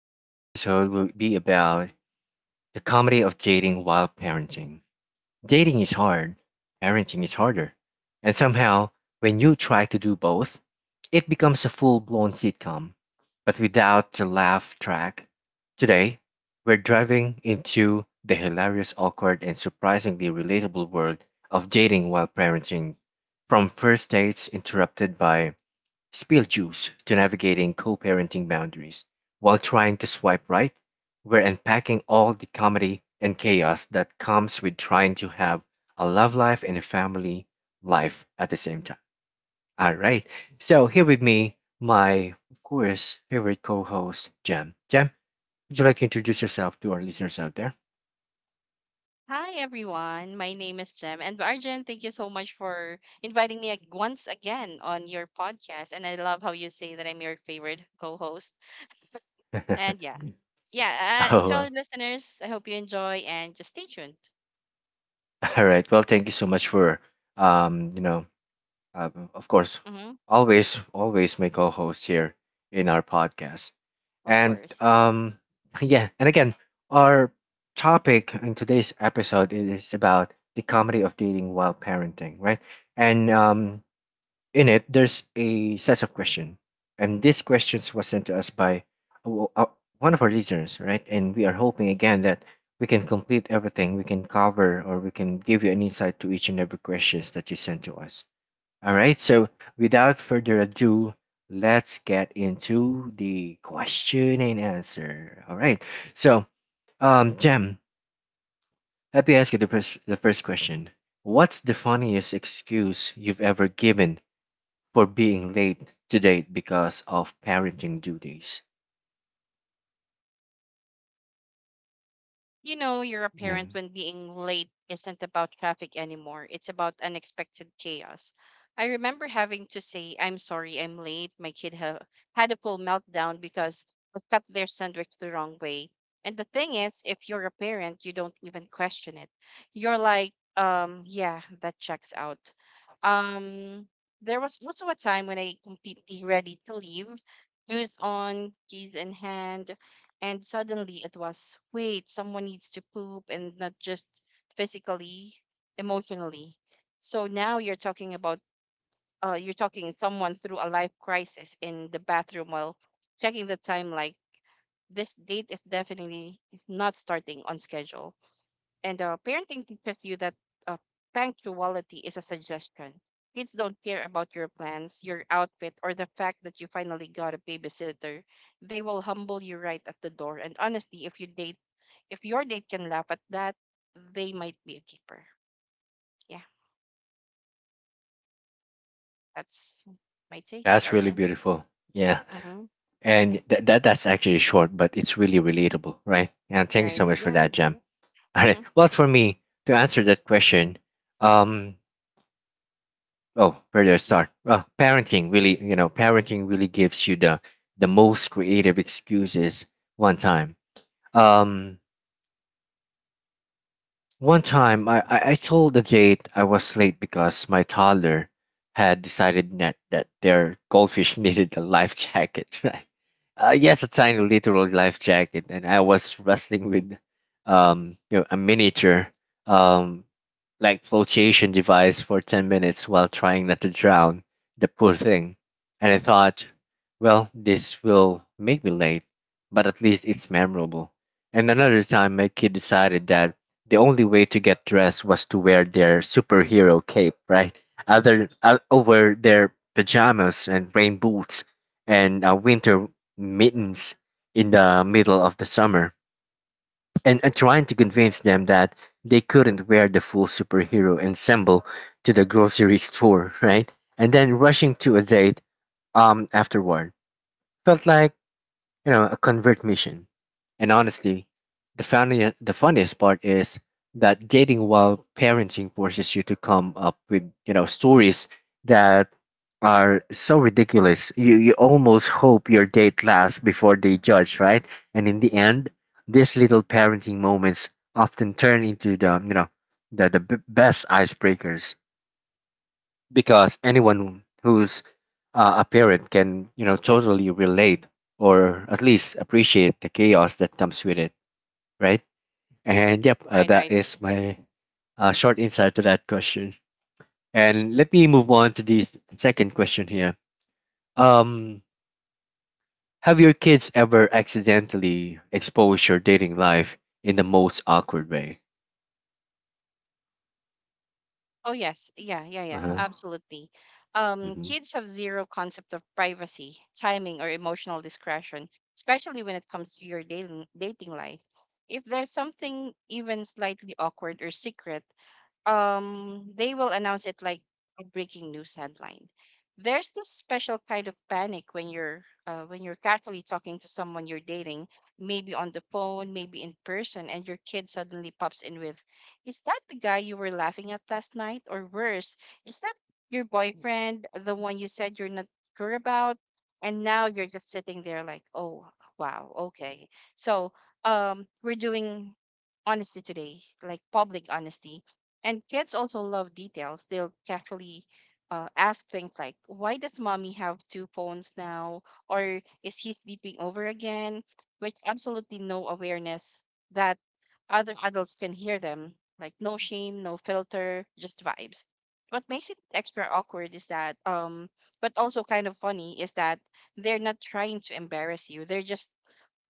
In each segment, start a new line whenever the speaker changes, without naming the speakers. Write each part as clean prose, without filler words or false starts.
Today's episode will be about the comedy of dating while parenting. Dating is hard, parenting is harder. And somehow, when you try to do both, it becomes a full blown sitcom, but without the laugh track. Today, we're driving into the hilarious, awkward, and surprisingly relatable world of dating while parenting. From first dates interrupted by spilled juice to navigating co-parenting boundaries while trying to swipe right, we're unpacking all the comedy and chaos that comes with trying to have a love life and a family life at the same time. All right. So here with me, my of course favorite co-host, Jam. Jam, would you like to introduce yourself to our listeners out there?
Hi everyone, my name is Jem and Arjun, thank you so much for inviting me once again on your podcast. And I love how you say that I'm your favorite co-host.
Oh,
And yeah. To our
well,
listeners, I hope you enjoy and just stay tuned.
all right. Well, thank you so much for um, you know, of course,
Mm-hmm,
always, always my co-host here in our podcast.
of
And
course.
yeah, and again, our topic in today's episode is about the comedy of dating while parenting, right? And in it, there's a set of questions, and these questions were sent to us by uh, uh, one of our listeners, right? And we are hoping again that we can complete everything, we can cover, or we can give you an insight to each and every questions that you sent to us. All right, so without further ado, let's get into the question and answer. All right, so Jem, let me ask you the first question. What's the funniest excuse you've ever given for being late to date because of parenting duties?
You know, you're a
Yeah,
parent when being late isn't about traffic anymore. It's about unexpected chaos. I remember having to say, I'm sorry, I'm late. My kid had a full meltdown because I cut their sandwich the wrong way. And the thing is, if you're a parent, you don't even question it. You're like, yeah, that checks out. Um, there was also a time when I completely ready to leave, shoes on, keys in hand, and suddenly it was, wait, someone needs to poop, and not just physically, emotionally. So now you're talking about, you're talking someone through a life crisis in the bathroom while checking the time, like, this date is definitely not starting on schedule. And parenting teaches you that, uh, punctuality is a suggestion. Kids don't care about your plans, your outfit, or the fact that you finally got a babysitter. They will humble you right at the door. And honestly, if you date, if your date can laugh at that, they might be a keeper. Yeah, that's my take,
that's really
Arjun.
beautiful. Yeah,
Mm-hmm.
and that's actually short, but it's really relatable, right? And thank you so
Right.
much for
Yeah.
that, Jem. All right,
Mm-hmm.
well, for me to answer that question, um, oh, where do I start? Parenting really, you know, parenting really gives you the most creative excuses. One time, um, I told the date I was late because my toddler had decided that their goldfish needed a life jacket right? Yes, a tiny literal life jacket, and I was wrestling with you know, a miniature um like flotation device for 10 minutes while trying not to drown the poor thing. And I thought, well, this will make me late, but at least it's memorable. And another time, my kid decided that the only way to get dressed was to wear their superhero cape, right? Other Over their pajamas and rain boots and winter mittens in the middle of the summer, and trying to convince them that they couldn't wear the full superhero ensemble to the grocery store, right? And then rushing to a date afterward. Felt like, you know, a convert mission. And honestly, the funniest part is that dating while parenting forces you to come up with, you know, stories that are so ridiculous. You almost hope your date laughs before they judge, right? And in the end, these little parenting moments often turn into the, you know, the best icebreakers, because anyone who's a parent can, you know, totally relate or at least appreciate the chaos that comes with it, right? And yep,
Right.
that
Right.
is my short insight to that question. And let me move on to the second question here. um have your kids ever accidentally exposed your dating life in the most awkward way?
Oh yes, yeah,
Uh-huh.
absolutely.
Mm-hmm.
Kids have zero concept of privacy, timing, or emotional discretion, especially when it comes to your dating life. If there's something even slightly awkward or secret, they will announce it like a breaking news headline. There's this special kind of panic when you're casually talking to someone you're dating, maybe on the phone, maybe in person, and your kid suddenly pops in with, is that the guy you were laughing at last night? Or worse, is that your boyfriend, the one you said you're not sure about? And now you're just sitting there like, oh, wow, okay, so, we're doing honesty today, like public honesty. And kids also love details. They'll casually ask things like, why does mommy have two phones now? Or is he sleeping over again? With absolutely no awareness that other adults can hear them. Like, no shame, no filter, just vibes. What makes it extra awkward is that, but also kind of funny, is that they're not trying to embarrass you. They're just,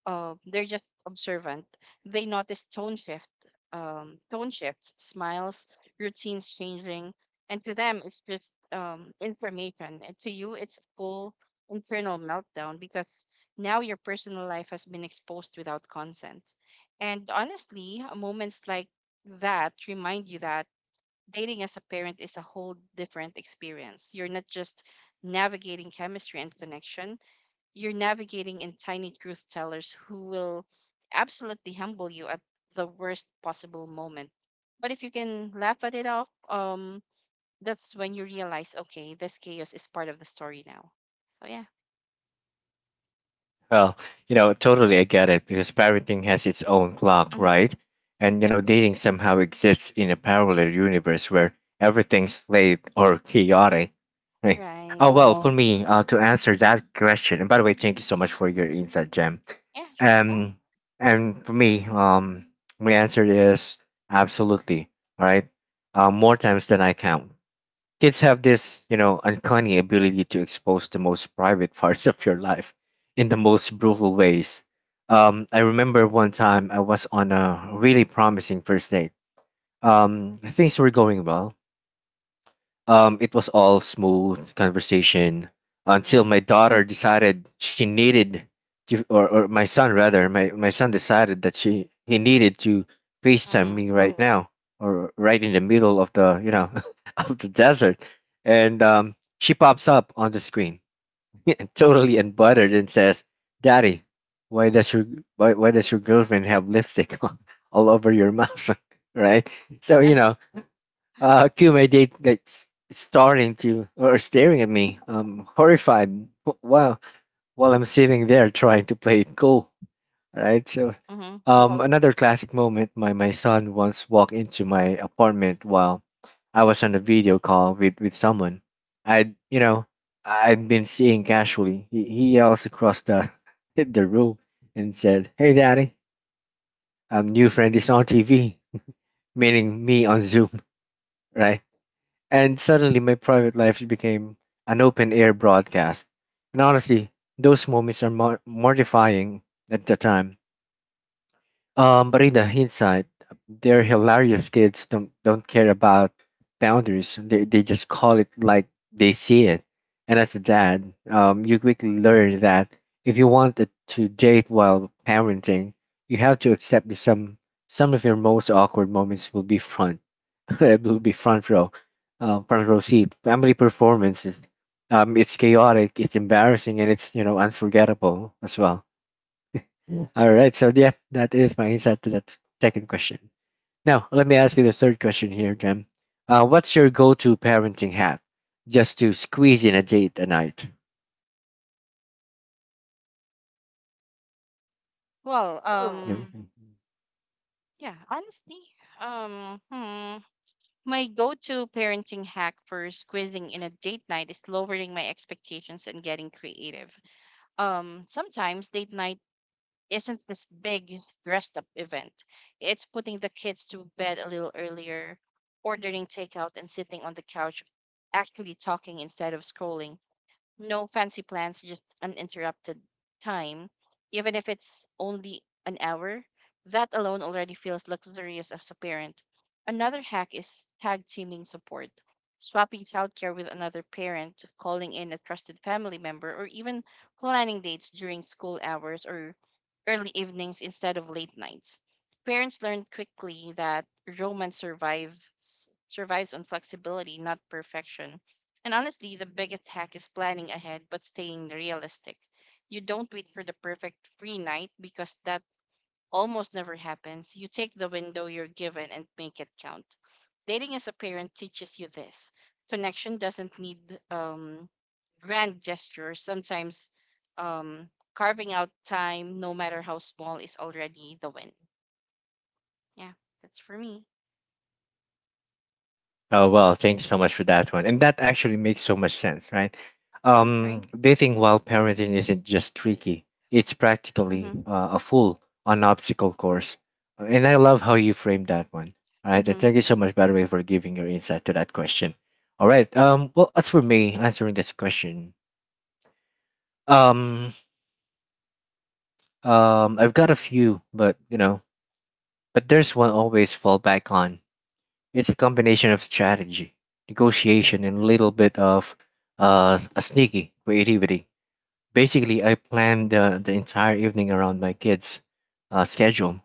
they're just observant. They notice tone shifts, smiles, routines changing, and to them it's just, information. And to you, it's full internal meltdown because now your personal life has been exposed without consent. And honestly, moments like that remind you that dating as a parent is a whole different experience. You're not just navigating chemistry and connection, you're navigating in tiny truth tellers who will absolutely humble you at the worst possible moment. But if you can laugh at it off, that's when you realize, okay, this chaos is part of the story now. So yeah.
Well, you know, totally, I get it, because parenting has its own clock,
Mm-hmm.
right? And, you
Yep.
know, dating somehow exists in a parallel universe where everything's late or chaotic. Right. Oh
Right.
well, for me, to answer that question, and by the way, thank you so much for your insight, Jem.
Yeah. Sure.
Um, and for me, my answer is absolutely. All right, more times than I count. Kids have this, you know, uncanny ability to expose the most private parts of your life in the most brutal ways. I remember one time I was on a really promising first date. Things were going well, it was all smooth conversation until
Yeah.
my daughter decided she needed to, or my son rather, my son decided that she he needed to FaceTime
Mm-hmm.
me right now or right in the middle of the, you know, of the desert, and she pops up on the screen, totally unbothered, and says, "Daddy, why does your why does your girlfriend have lipstick all over your mouth?" right? So, you
And,
know, Akume, they like starting to or staring at me, horrified. While I'm sitting there trying to play it cool, right? So,
mm-hmm.
another classic moment. My son once walked into my apartment while I was on a video call with someone. I, you know, I'd been seeing casually. He yells across the the room and said, "Hey, daddy, new friend is on TV," meaning me on Zoom, right? And suddenly my private life became an open air broadcast. And honestly, those moments are mortifying at the time, but in the hindsight, they're hilarious. Kids don't care about boundaries. They just call it like they see it. And as a dad, you quickly learn that if you want it to date while parenting, you have to accept that some of your most awkward moments will be front, it will be front row seat. Family performances. It's chaotic, it's embarrassing, and it's, you know, unforgettable as well. All right. So yeah, that is my insight to that second question. Now let me ask you the third question here, Jem. What's your go-to parenting hack just to squeeze in a date a night?
Well,
Yeah. Mm-hmm.
yeah. Honestly, um, hmm, my go-to parenting hack for squeezing in a date night is lowering my expectations and getting creative. Sometimes date night isn't this big dressed up event. It's putting the kids to bed a little earlier, ordering takeout and sitting on the couch actually talking instead of scrolling. No fancy plans, just uninterrupted time. Even if it's only an hour, that alone already feels luxurious as a parent. Another hack is tag teaming support. Swapping childcare with another parent, calling in a trusted family member, or even planning dates during school hours or early evenings instead of late nights. Parents learn quickly that romance survives on flexibility, not perfection. And honestly, the biggest hack is planning ahead but staying realistic. You don't wait for the perfect free night because that almost never happens. You take the window you're given and make it count. Dating as a parent teaches you this. Connection doesn't need, um, grand gestures. Sometimes carving out time, no matter how small, is already the win. Yeah, that's for me.
Oh well, thanks so much for that one. And that actually makes so much sense, right?
Mm, right?
Dating while parenting isn't just tricky; it's practically
Mm-hmm.
a full on obstacle course. And I love how you framed that one. All right, and
Mm-hmm.
thank you so much, by the way, for giving your insight to that question. All right. Well, as for me answering this question, um, I've got a few, but, you know, but there's one always fall back on. It's a combination of strategy, negotiation, and a little bit of a sneaky creativity. Basically, I plan the entire evening around my kids' schedule.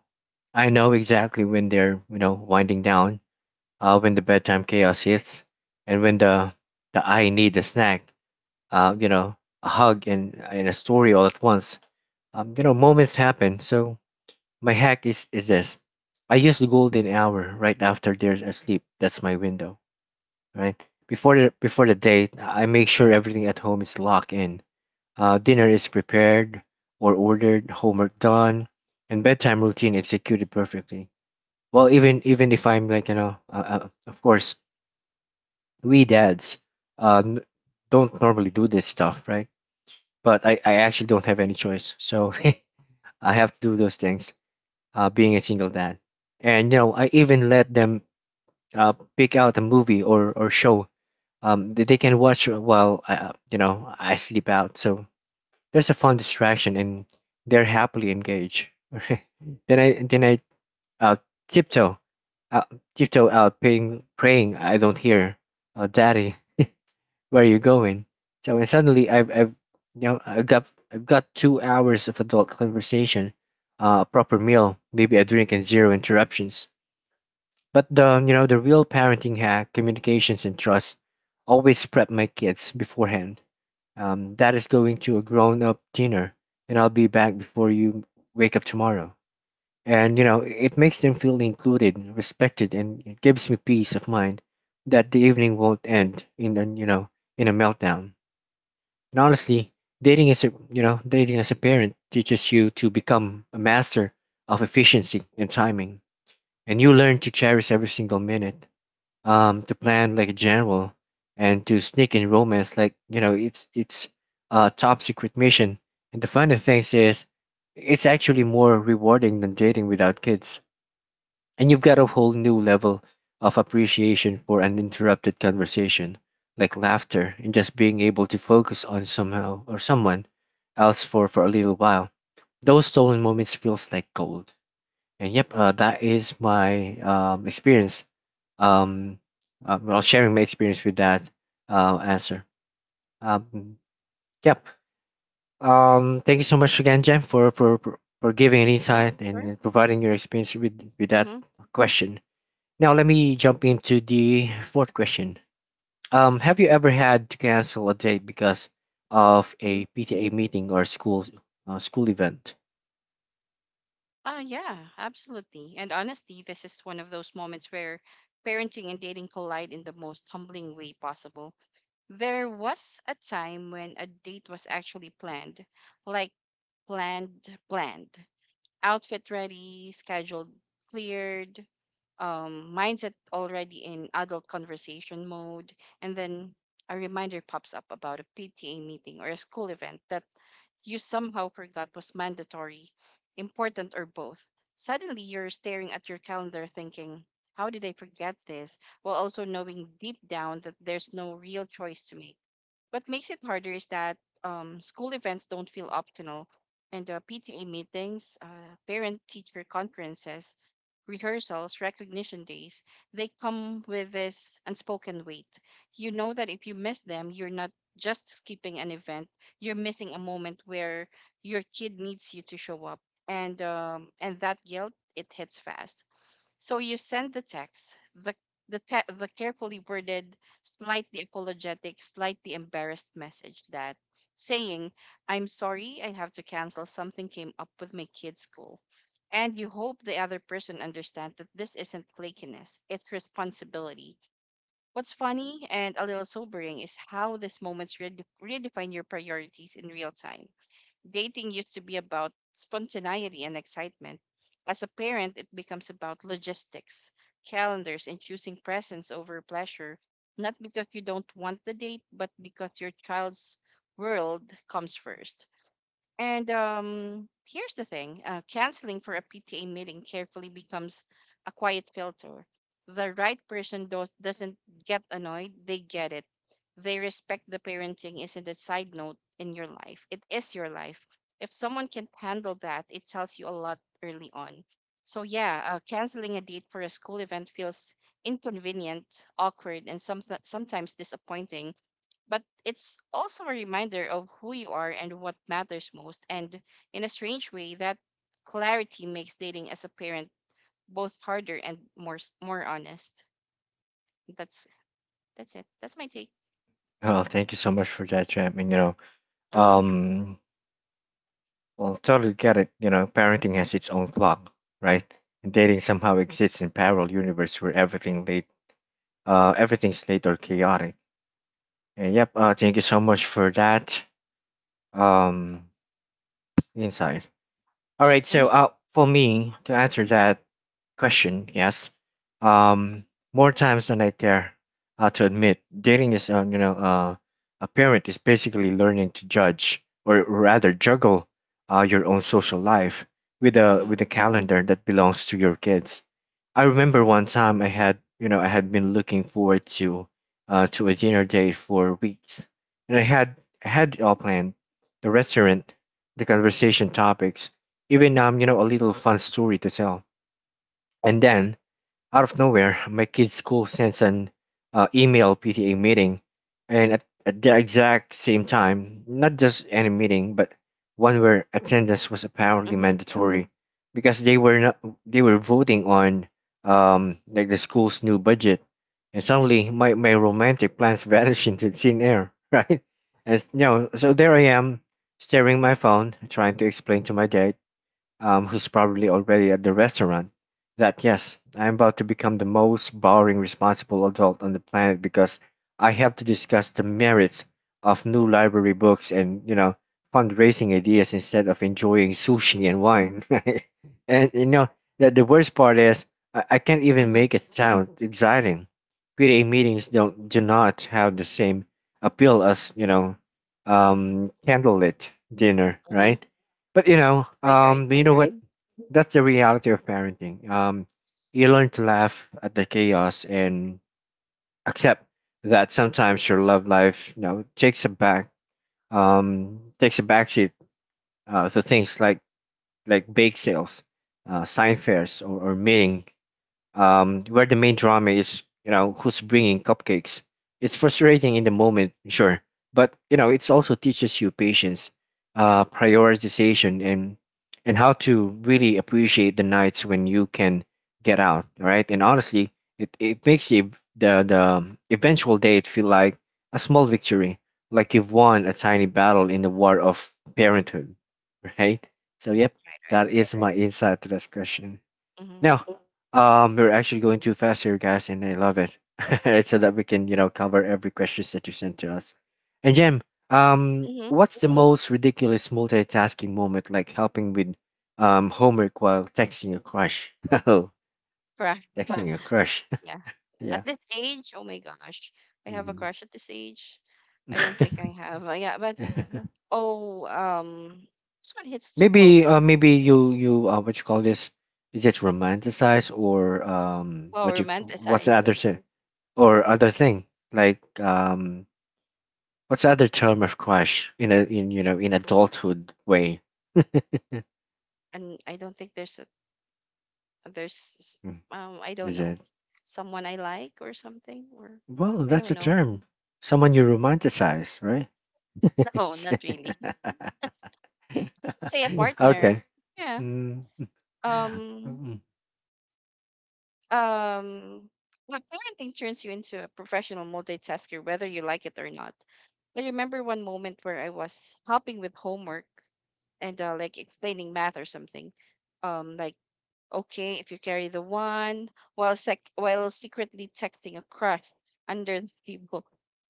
I know exactly when they're, you know, winding down, when the bedtime chaos hits, and when the I need a snack, you know, a hug and a story all at once. You know, moments happen. So my hack is this: I use the golden hour right after they're asleep. That's my window, right? Before the date, I make sure everything at home is locked in. Dinner is prepared or ordered, homework done, and bedtime routine executed perfectly. Well, even if I'm like, you know, of course, we dads uh, n- don't normally do this stuff, right? But I actually don't have any choice, so I have to do those things. Being a single dad, and, you know, I even let them pick out a movie or show they can watch while, you know, I sleep out. So there's a fun distraction, and they're happily engaged. Then I uh, tiptoe, uh, tiptoe out, praying, praying I don't hear, "Daddy, where are you going?" So, and suddenly I've you know I've got 2 hours of adult conversation, a proper meal, maybe a drink, and zero interruptions. But the, you know, the real parenting hack, communications and trust, always prep my kids beforehand, Dad going to a grown up dinner, and I'll be back before you wake up tomorrow. And, you know, it makes them feel included, respected, and it gives me peace of mind that the evening won't end in, a you know, in a meltdown. And honestly, dating as a parent teaches you to become a master of efficiency and timing. And you learn to cherish every single minute, to plan like a general and to sneak in romance like, you know, it's a top secret mission. And the funny thing is, it's actually more rewarding than dating without kids. And you've got a whole new level of appreciation for an interrupted conversation, like laughter, and just being able to focus on somehow or someone else for, a little while. Those stolen moments feels like gold. And yep, that is my experience, um, well, sharing my experience with that answer. Um, yep. Thank you so much again, Jem, for giving an
Yeah,
insight and
sure.
and providing your experience with that
Mm-hmm.
question. Now let me jump into the fourth question. Have you ever had to cancel a date because of a PTA meeting or school school event?
Ah, yeah, absolutely. And honestly, this is one of those moments where parenting and dating collide in the most humbling way possible. There was a time when a date was actually planned, like, planned, planned, outfit ready, scheduled, cleared, mindset already in adult conversation mode, and then a reminder pops up about a PTA meeting or a school event that you somehow forgot was mandatory, important, or both. Suddenly, you're staring at your calendar thinking, how did I forget this? While also knowing deep down that there's no real choice to make. What makes it harder is that, school events don't feel optional, and PTA meetings, parent teacher conferences, rehearsals, recognition days, they come with this unspoken weight. You know that if you miss them, you're not just skipping an event, you're missing a moment where your kid needs you to show up. And that guilt, it hits fast. So you send the text, the carefully worded, slightly apologetic, slightly embarrassed message that saying, "I'm sorry, I have to cancel. Something came up with my kid's school." And you hope the other person understands that this isn't flakiness, it's responsibility. What's funny and a little sobering is how these moments redefine your priorities in real time. Dating used to be about spontaneity and excitement. As a parent, it becomes about logistics, calendars, and choosing presents over pleasure, not because you don't want the date, but because your child's world comes first. And here's the thing, canceling for a PTA meeting carefully becomes a quiet filter. The right doesn't get annoyed, they get it. They respect the parenting isn't a side note in your life, it is your life. If someone can handle that, it tells you a lot early on. So, yeah, canceling a date for a school event feels inconvenient, awkward, and sometimes disappointing, but it's also a reminder of who you are and what matters most. And in a strange way, that clarity makes dating as a parent both harder and more honest. That's that's it. That's my take.
Oh, thank you so much for that, Jem. And you know,
Mhm.
um, well, totally get it. You know, parenting has its own clock, right? And dating somehow exists in parallel universe where everything's late or chaotic. And yep, thank you so much for that um insight. All right, so
Mhm.
for me to answer that question, yes. Um, More times than I care to admit, dating is, a parent is basically learning to judge or rather juggle your own social life with a
Mhm.
with a calendar that belongs to your kids. I remember
Mhm.
one time I had, I had been looking forward to a dinner date for weeks, and I had it all planned, the restaurant, the conversation topics, even a little fun story to tell. And then out of nowhere, my kid's school sends an email PTA meeting, and at the exact same time, not just any meeting, but one where attendance was apparently
Mhm.
mandatory because they were not they were voting on like the school's new budget, and suddenly my romantic plans vanish into thin air, right? And you know, so there I am staring at my phone, trying to explain to my dad, who's probably already at the restaurant, that yes, I'm about to become the most boring responsible adult on the planet because I have to discuss the merits of new library books and, you know, fundraising ideas instead of enjoying sushi
Mhm.
and wine. Right? And, you know, the worst part is I can't even
Mhm.
make it sound exciting. PTA meetings don't do not have the same appeal as, you know, candlelit dinner,
Mhm.
right? But
Right. Right.
you know what?
Mhm.
Right? That's the reality of parenting. You learn to laugh at the chaos and accept that sometimes your love life, you know, takes a backseat to things like bake sales, sign fairs, or meeting where the main drama is, you know, who's bringing cupcakes. It's frustrating in the moment, sure, but you know, it also teaches you patience, prioritization, and how to really appreciate the nights when you can get out, right? And honestly, it makes the eventual date feel like a small victory, like you've won a tiny battle in the war of parenthood, right? So, yep,
Right. Right.
that is my insight to this question.
Mhm.
Now, we're actually going too fast here, guys, and I love it. So that we can, you know, cover every questions that you sent to us. And Jem,
Mhm.
what's the most ridiculous multitasking moment, like helping with homework while texting a crush? Oh,
Right.
texting a crush.
Yeah.
Yeah.
At this age, oh my gosh, I have a
Hmm.
crush at this age. I don't think I have. Yeah, but oh, this one hits too close
Maybe,
to.
maybe you you what you call this? Is it romanticize or
Well,
what you what's the
romanticized,
other thing or other thing like what's the other term of crush in a in you know in adulthood way?
and I don't think there's a there's s-
Mm,
I don't
is
know,
it?
someone I like or something. Or
Well,
I
that's
don't
a
know.
term. Someone you romanticize, right?
No, not really. Say a partner.
Okay.
Yeah.
Mm.
Um.
Mm.
Um. Well, parenting turns you into a professional multitasker, whether you like it or not. I remember one moment where I was helping with homework and, like, explaining math or something. Like, okay, if you carry the one, while secretly texting a crush under the table.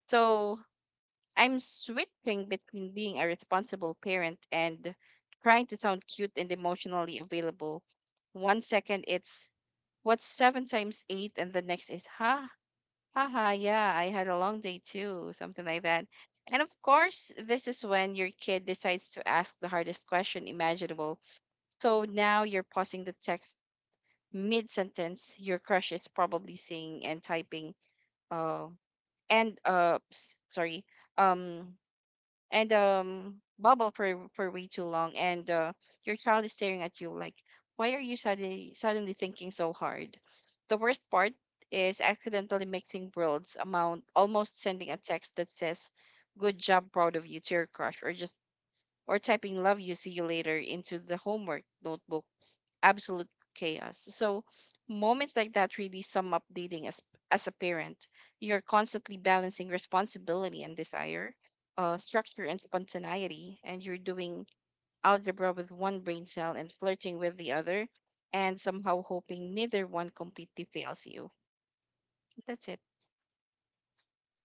So I'm switching between being a responsible parent and trying to sound cute and emotionally available. One second it's, what's seven times eight, and the next is, ha ha ha, yeah, I had a long day too, something like that. And of course, this is when your kid decides to ask the hardest question imaginable. So now you're pausing the text mid sentence, your crush is probably seeing and typing, uh, and s- sorry, um, and bubble for way too long, and your child is staring at you like, why are you suddenly thinking so hard? The worst part is accidentally mixing worlds amount, almost sending a text that says, "Good job, proud of you" to your crush, or just or typing "Love you, see you later" into the homework notebook. Absolute chaos. So moments like that really sum up dating as a parent. You're constantly balancing responsibility and desire, structure and spontaneity, and you're doing algebra with one brain cell and flirting with the other, and somehow hoping neither one completely fails you. That's it.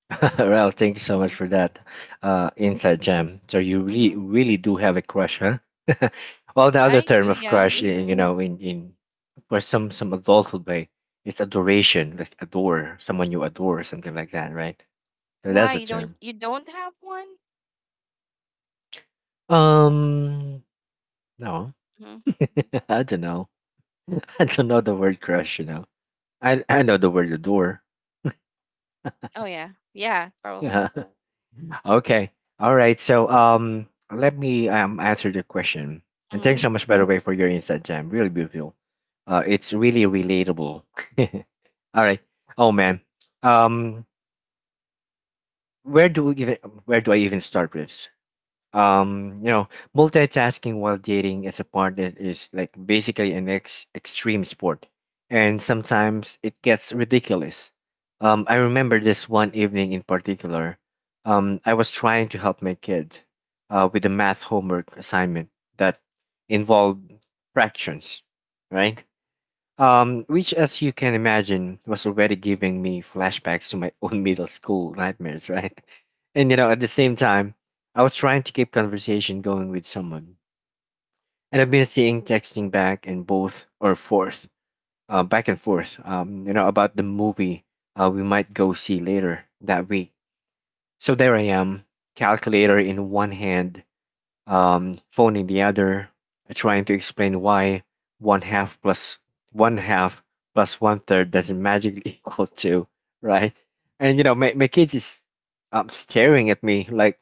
Well, thank you so much
Hmm.
for that inside gem. So you really
Hmm.
really do have a crush, huh? Well, the other
I
term
do,
of
yeah.
crush, in, you know, in for some adulthood way, it's adoration, like adore someone you adore, something like that, right? So
Why
that's a term.
you don't have one?
Um, no,
Hmm.
I don't know. I don't know the word crush. You know, I know the word adore.
Oh yeah, yeah,
Yeah.
probably.
Okay. All right. So let me answer the question. And
Mm-hmm.
thanks so much, by the way, for your insight, Jam. Really beautiful. It's really relatable. All right. Oh man. Um, where do we even where do I even start with? You know, multitasking while dating is a part that is like basically an extreme sport and sometimes it gets ridiculous. I remember this one evening in particular. I was trying to help my kid with a math homework assignment that involved fractions, right? Which, as you can imagine, was already giving me flashbacks to my own middle school nightmares, right? And you know, at the same time, I was trying to keep conversation going with someone, and I've been seeing texting back and forth, you know, about the movie we might go see later that week. So there I am, calculator in one hand, phone in the other, trying to explain why one half plus one half plus one third doesn't magically equal two, right? And you know, my kid is staring at me like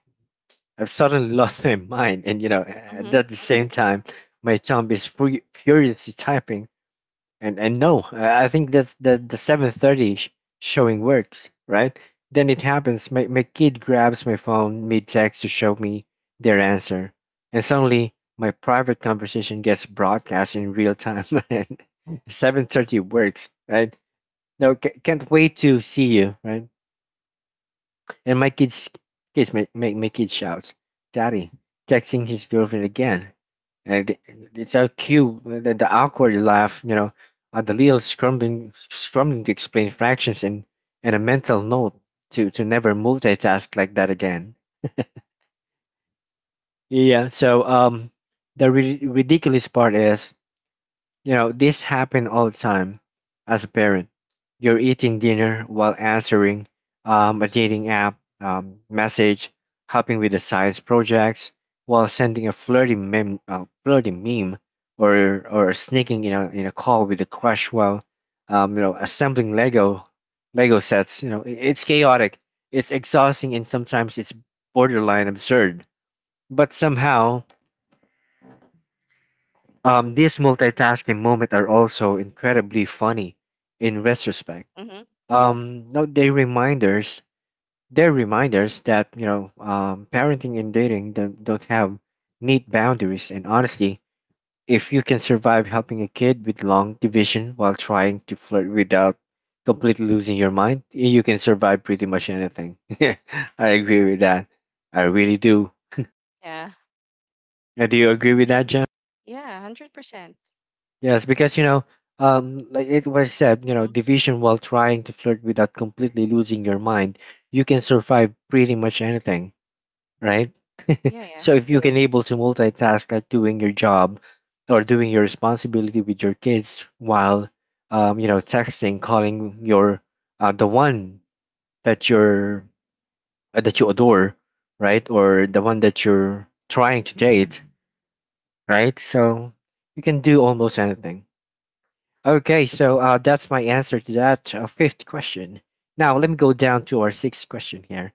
I've suddenly lost my mind, and you know, at
Mm-hmm.
the same time, my thumb is furiously typing and no, I think that the 7:30 showing works, right? Then it happens. My kid grabs my phone mid text to show me their answer, and suddenly my private conversation gets broadcast in real time. And 7:30 works, right? No, can't wait to see you, right? And my kids kids make make my kid shout, Daddy, texting his girlfriend again. And it- it's so cute the awkward laugh, you know, the little scrambling to explain fractions and a mental note to never multitask like that again. Yeah. So the ridiculous part is you know, this happen all the time as a parent. You're eating dinner while answering a dating app message, helping with the science projects, while sending flirty meme, or sneaking in a call with a crush while you know assembling Lego sets. You know, it's chaotic, it's exhausting, and sometimes it's borderline absurd. But somehow these multitasking moments are also incredibly funny in retrospect.
Mm-hmm.
No, they reminders, They're reminders that you know, parenting and dating don't have neat boundaries. And honestly, if you can survive helping a kid with long division while trying to flirt without completely losing your mind, you can survive pretty much anything. I agree with that. I really do.
Yeah,
Do you agree with that, Jen?
yeah, 100%.
Yes, because you know, like it was said, you know,
Mm-hmm.
division while trying to flirt without completely losing your mind, you can survive pretty much anything, right?
Yeah, yeah.
So if you can able to multitask like doing your job or doing your responsibility with your kids while, you know, texting, calling your the one that you're that you adore, right, or the one that you're trying to date, right? So you can do almost anything. Okay, so that's my answer to that fifth question. Now let me go down to our sixth question here.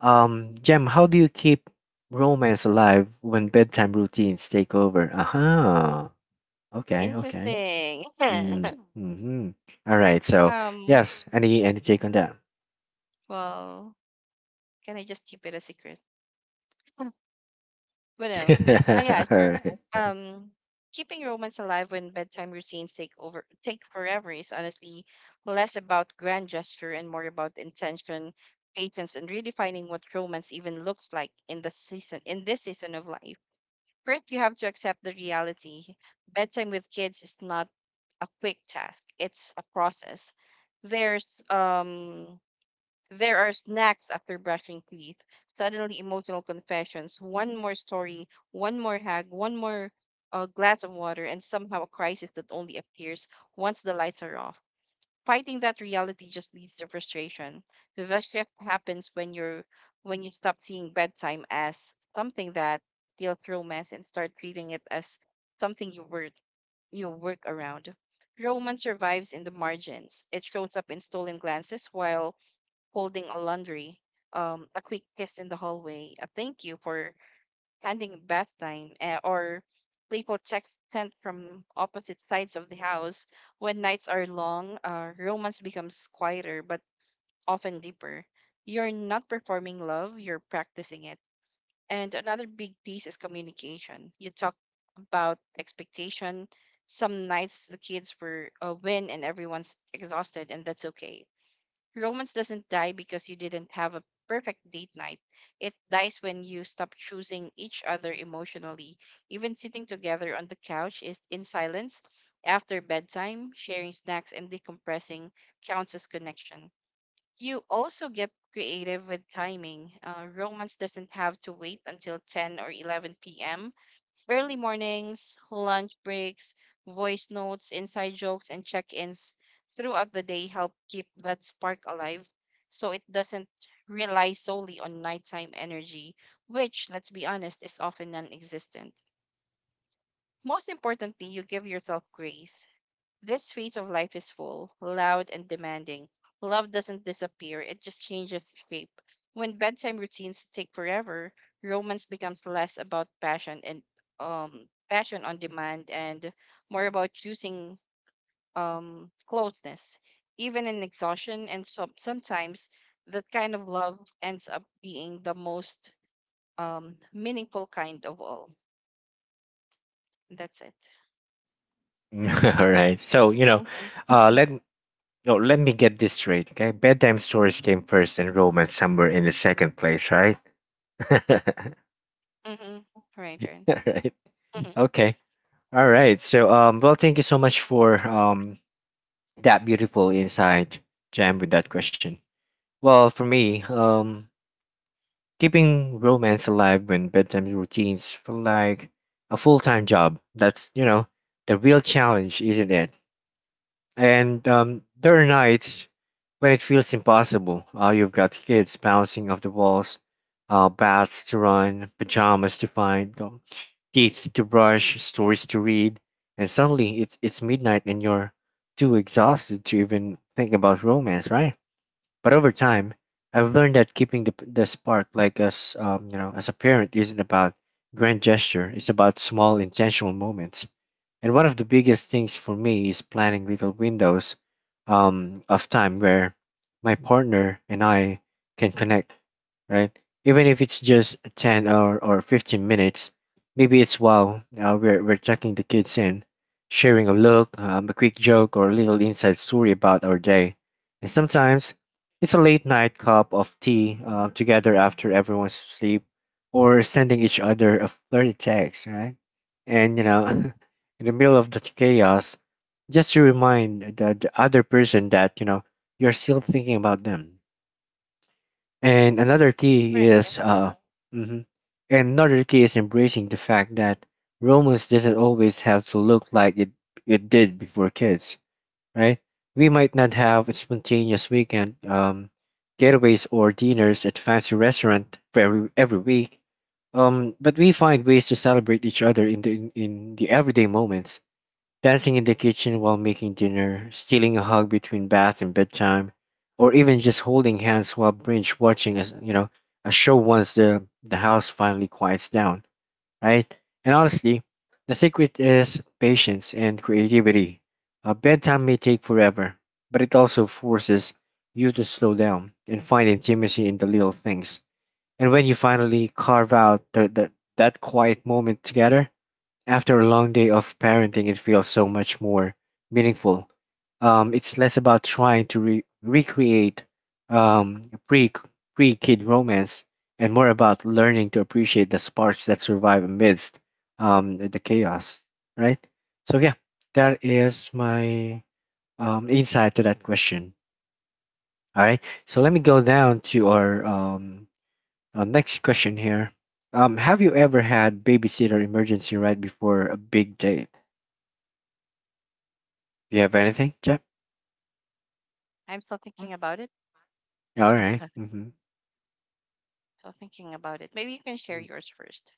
Jem, how do you keep romance alive when bedtime routines take over? Aha. Okay. Okay.
Interesting.
Mm-hmm. Mm-hmm. All right. So
Um,
yes, any take on that?
well, can I just keep it a secret? But no. Ah, yeah,
All
sure.
right.
Um, keeping romance alive when bedtime routines take over take forever is honestly less about grand gesture and more about intention, patience, and redefining what romance even looks like in the season in this season of life. First, you have to accept the reality. Bedtime with kids is not a quick task. It's a process. There's there are snacks after brushing teeth, suddenly emotional confessions, one more story, one more hug, one more glass of water, and somehow a crisis that only appears once the lights are off. Fighting that reality just leads to frustration. The shift happens when you stop seeing bedtime as something that feels romance and start treating it as something you work around. Romance survives in the margins. It shows up in stolen glances while holding a laundry, a quick kiss in the hallway, a thank you for ending bath time or playful text sent from opposite sides of the house. When nights are long, romance becomes quieter but often deeper. You're not performing love, you're practicing it. And another big piece is communication. You talk about expectation. Some nights the kids were win and everyone's exhausted, and that's okay. Romance doesn't die because you didn't have a perfect date night. It dies when you stop choosing each other emotionally. Even sitting together on the couch is in silence after bedtime, sharing snacks and decompressing counts as connection. You also get creative with timing. Romance doesn't have to wait until 10 or 11 p.m. Early mornings, lunch breaks, voice notes, inside jokes, and check ins throughout the day help keep that spark alive so it doesn't rely solely on nighttime energy, which, let's be honest, is often non existent. Most importantly, you give yourself grace. This phase of life is full, loud, and demanding. Love doesn't disappear, it just changes shape. When bedtime routines take forever, romance becomes less about passion and passion on demand and more about choosing closeness. Even in exhaustion and so sometimes that kind of love ends up being the most meaningful kind of all. That's it.
All right. So you know,
Mm-hmm.
let no, let me get this straight. Okay, bedtime stories came first, and romance somewhere in the second place, right? All
Mm-hmm. Right, right.
right.
Mm-hmm.
Okay. All right. So, well, thank you so much for that beautiful insight, Jam, with that question. Well, for me, keeping romance alive when bedtime routines feel like a full time job. That's you know the real challenge, isn't it? And there are nights when it feels impossible. You've got kids bouncing off the walls, baths to run, pajamas to find, teeth to brush, stories to read, and suddenly it's midnight and you're too exhausted to even think about romance, right? But over time, I've learned that keeping the spark, like as you know, as a parent, isn't about grand gesture. It's about small intentional moments and one of the biggest things for me is planning little windows of time where my partner and I can connect, right? Even if it's just 10 or 15 minutes, maybe it's wow, we're checking the kids in, sharing a look, a quick joke, or a little inside story about our day. And sometimes it's a late night cup of tea together after everyone's asleep or sending each other a flirty text, right? And, you know, in the middle of the chaos, just to remind the other person that, you know, you're still thinking about them. And another
That's
key
correct, yeah.
is mhm. And another key is embracing the fact that romance doesn't always have to look like it did before kids, right? We might not have a spontaneous weekend getaways or dinners at fancy restaurant for every week, but we find ways to celebrate each other in the everyday moments, dancing in the kitchen while making dinner, stealing a hug between bath and bedtime, or even just holding hands while binge watching a s- you know a show once the house finally quiets down, right? And honestly, the secret is patience and creativity. Bedtime may take forever, but it also forces you to slow down and find intimacy in the little things. And when you finally carve out that quiet moment together, after a long day of parenting, it feels so much more meaningful. It's less about trying to recreate um, pre pre kid romance and more about learning to appreciate the sparks that survive amidst the chaos, right? So, yeah, that is my insight to that question. All right, so let me go down to our next question here. Have you ever had babysitter emergency right before a big day? Do you have anything, Jeff?
I'm still thinking about it.
All right. Mm-hmm.
Still thinking about it. Maybe you can share yours first.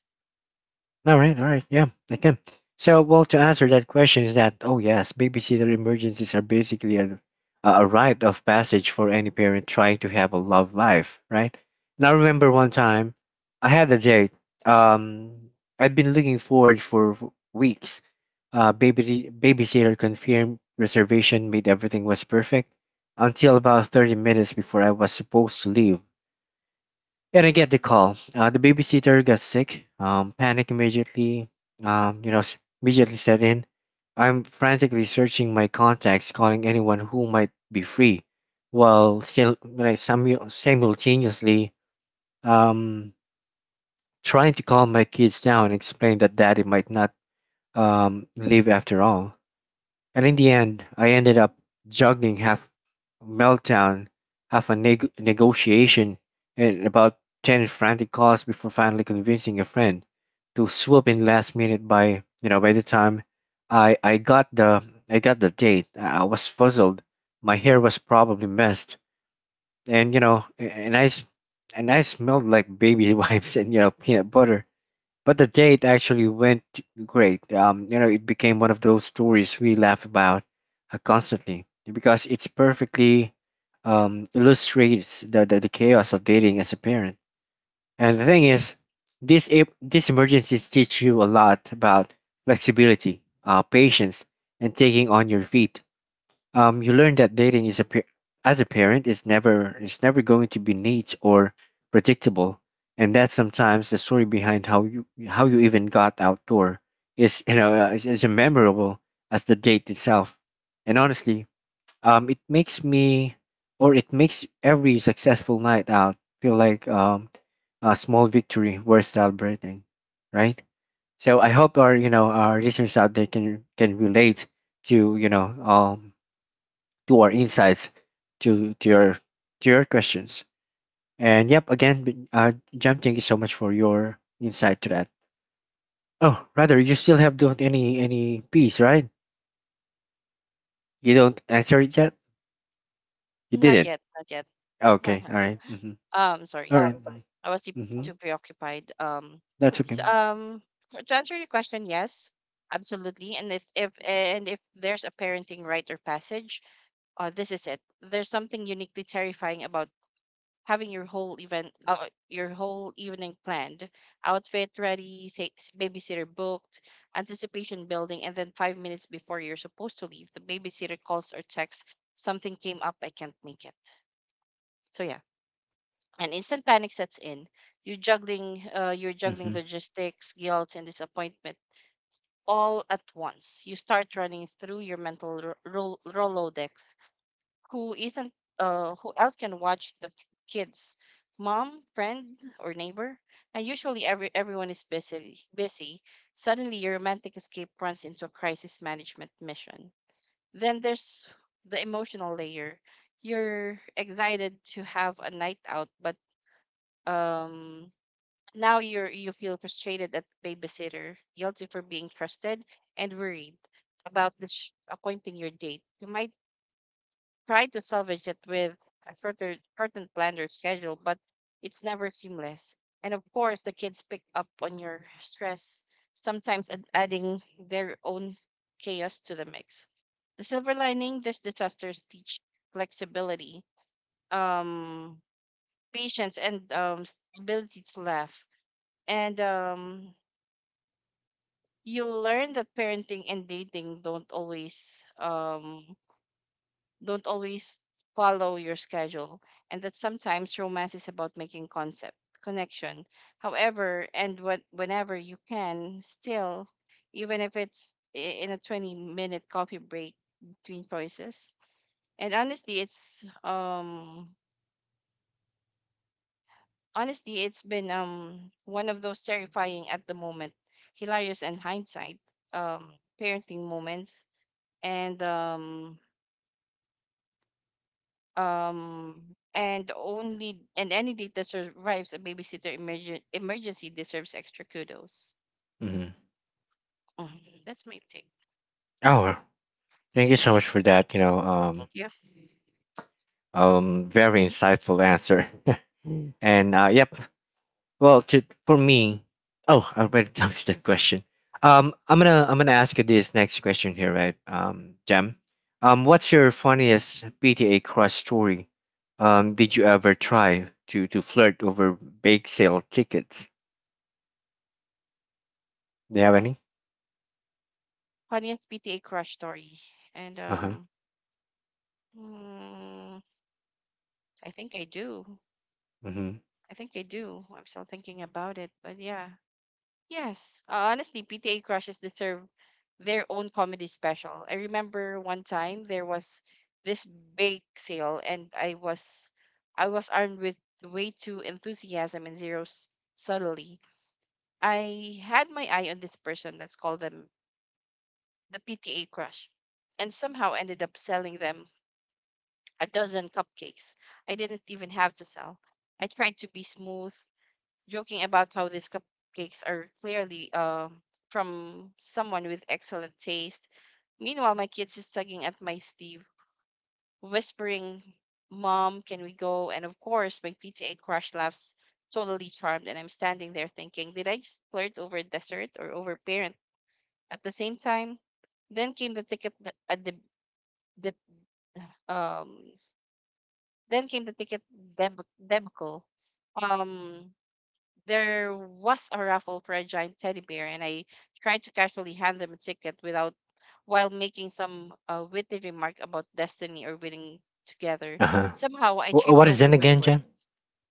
All right. All right. Yeah, I can. So, well, to answer that question is that, oh yes, babysitter emergencies are basically a rite of passage for any parent trying to have a love life, right? Now, I remember one time I had a date. Um, I'd been looking forward for weeks. Babysitter confirmed, reservation made, everything was perfect until about 30 minutes before I was supposed to leave. And I get the call. The babysitter got sick. Panic immediately, you know, s- immediately set in. I'm frantically searching my contacts, calling anyone who might be free, while still, like, simultaneously um, trying to calm my kids down and explain that daddy might not leave after all. And in the end, I ended up juggling half a meltdown, half a negotiation, and about 10 frantic calls before finally convincing a friend to swoop in last minute. By, you know, by the time I, I got the I got the date, I was fuzzled. My hair was probably messed. And you know, and I smelled like baby wipes and you know peanut butter. But the date actually went great. You know, it became one of those stories we laugh about constantly because it's perfectly illustrates the chaos of dating as a parent. And the thing is, these emergencies teach you a lot about flexibility, patience, and taking on your feet. You learn that dating is a as a parent is never going to be neat or predictable, and that sometimes the story behind how you even got outdoor is you know is as memorable as the date itself. And honestly, um, it makes me it makes every successful night out feel like a small victory worth celebrating, right? So I hope our you know our listeners out there can relate to you know to our insights to to your to your questions. And yep, again, Jam, thank you so much for your insight to that. Oh, rather, you still have don't any piece, right? You don't answer it yet. You
Not
didn't.
yet, not yet.
Okay, all right. Mm-hmm.
Sorry.
All right.
I was too
Mm-hmm.
too preoccupied.
That's okay.
So, um, to answer your question, yes, absolutely. And if there's a parenting rite or passage, this is it. There's something uniquely terrifying about having your whole event, your whole evening planned, outfit ready, say, babysitter booked, anticipation building, and then 5 minutes before you're supposed to leave, the babysitter calls or texts, something came up, I can't make it. So yeah, an instant panic sets in. You're juggling
Mm-hmm.
logistics, guilt, and disappointment all at once. You start running through your mental Rolodex. Who isn't, who else can watch the kids, mom friend or neighbor? And usually everyone is busy. Suddenly your romantic escape runs into a crisis management mission. Then there's the emotional layer. You're excited to have a night out, but um now you feel frustrated at the babysitter, guilty for being trusted, and worried about which appointing your date. You might try to salvage it with a shortened plan or schedule, but it's never seamless. And of course, the kids pick up on your stress, sometimes adding their own chaos to the mix. The silver lining: these disasters teach flexibility, um, patience, and ability to laugh. And You learn that parenting and dating don't always follow your schedule, and that sometimes romance is about making concept connection. However, and what whenever you can, still, even if in a 20-minute coffee break between choices. And honestly, it's been one of those terrifying at the moment, hilarious and hindsight um parenting moments, and um um and any date that survives a emergency deserves extra kudos.
Mm-hmm.
Mhm, that's my take.
Oh, thank you so much for that. You know,
Thank you.
very insightful answer. And yep, well, to for me, oh, I already answered that question. Um, I'm gonna ask you this next question here, right? Jam, what's your funniest PTA crush story? Did you ever try to flirt over bake sale tickets? Do you have any?
Funniest PTA crush story. And
Uh huh.
um mm, I think I do
Mm-hmm.
I think I do I'm still thinking about it, but yeah. Yes, honestly, PTA crushes deserve their own comedy special. I remember one time there was this bake sale, and I was armed with way too enthusiasm and subtlety. I had my eye on this person. Let's call them the PTA crush, and somehow ended up selling them a dozen cupcakes. I didn't even have to sell. I tried to be smooth, joking about how these cupcakes are clearly from someone with excellent taste. Meanwhile, my kids is tugging at my sleeve, whispering, "Mom, can we go?" And of course, my PTA crush laughs, totally charmed, and I'm standing there thinking, "Did I just flirt over dessert or over parent at the same time?" Then came the ticket th- the um then came the debacle. Um there was a raffle for a giant teddy bear, and I tried to casually hand them a ticket without, while making some witty remark about destiny or winning together.
Uh huh.
Somehow I tripped
What is
over
that
my
again, Jam?
words.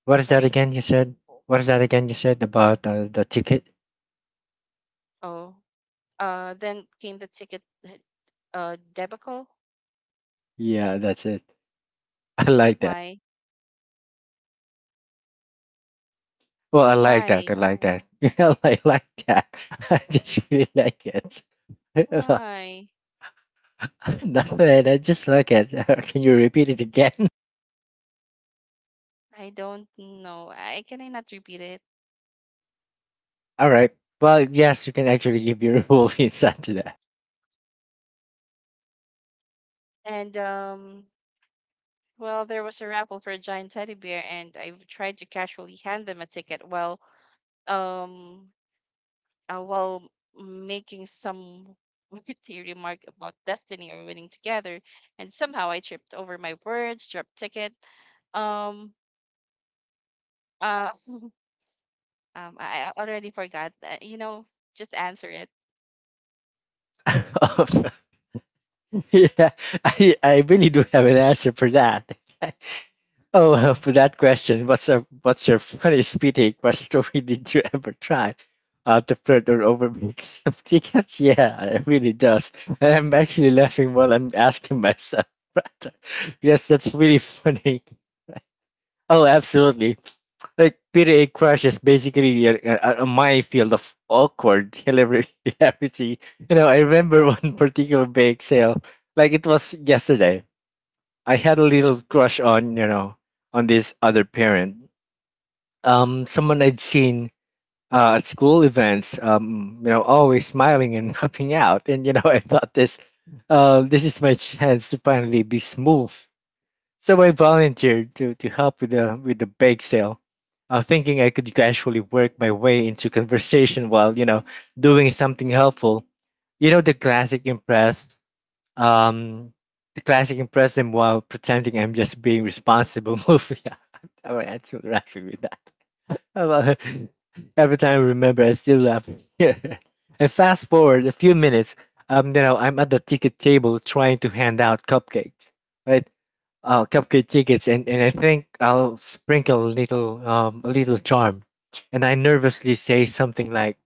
What is that
Sorry.
again? You said. What is that again? You said about the ticket?
Oh. Then came the ticket. Debacle.
Yeah, that's it. I like that.
Why?
Well, I like that. I
Why?
like that. Yeah, I like that. I just really like it.
Why?
Nothing. I just like it. Can you repeat it again?
I don't know. I can I not repeat it?
All right. Well, yes, you can actually give your full insight to that.
And Well, there was a raffle for a giant teddy bear, and I tried to casually hand them a ticket um while making some witty remark about destiny or winning together. And somehow I tripped over my words dropped ticket. um uh um I already forgot. You know, just answer it.
Yeah, I really do have an answer for that. Oh, well, for that question, what's your funniest speeding crush story? Did you ever try? To flirt or overmake some tickets? Yeah, it really does. And I'm actually laughing while I'm asking myself. But yes, that's really funny. Oh, absolutely. Like PDA crush is basically a my field of awkward hilarity. You know, I remember one particular bake sale, like it was yesterday. I had a little crush on, you know, on this other parent, someone I'd seen at school events, you know, always smiling and helping out. And, you know, I thought this, this is my chance to finally be smooth. So I volunteered to help with with the bake sale, thinking I could gradually work my way into conversation while, you know, doing something helpful. You know, um, the classic impress them while pretending I'm just being responsible move. Yeah, I would actually with that. Well, every time I remember, I still laugh. Yeah. And fast forward a few minutes. You know, I'm at the ticket table trying to hand out cupcakes, right? Cupcake tickets, and I think I'll sprinkle a little charm, and I nervously say something like,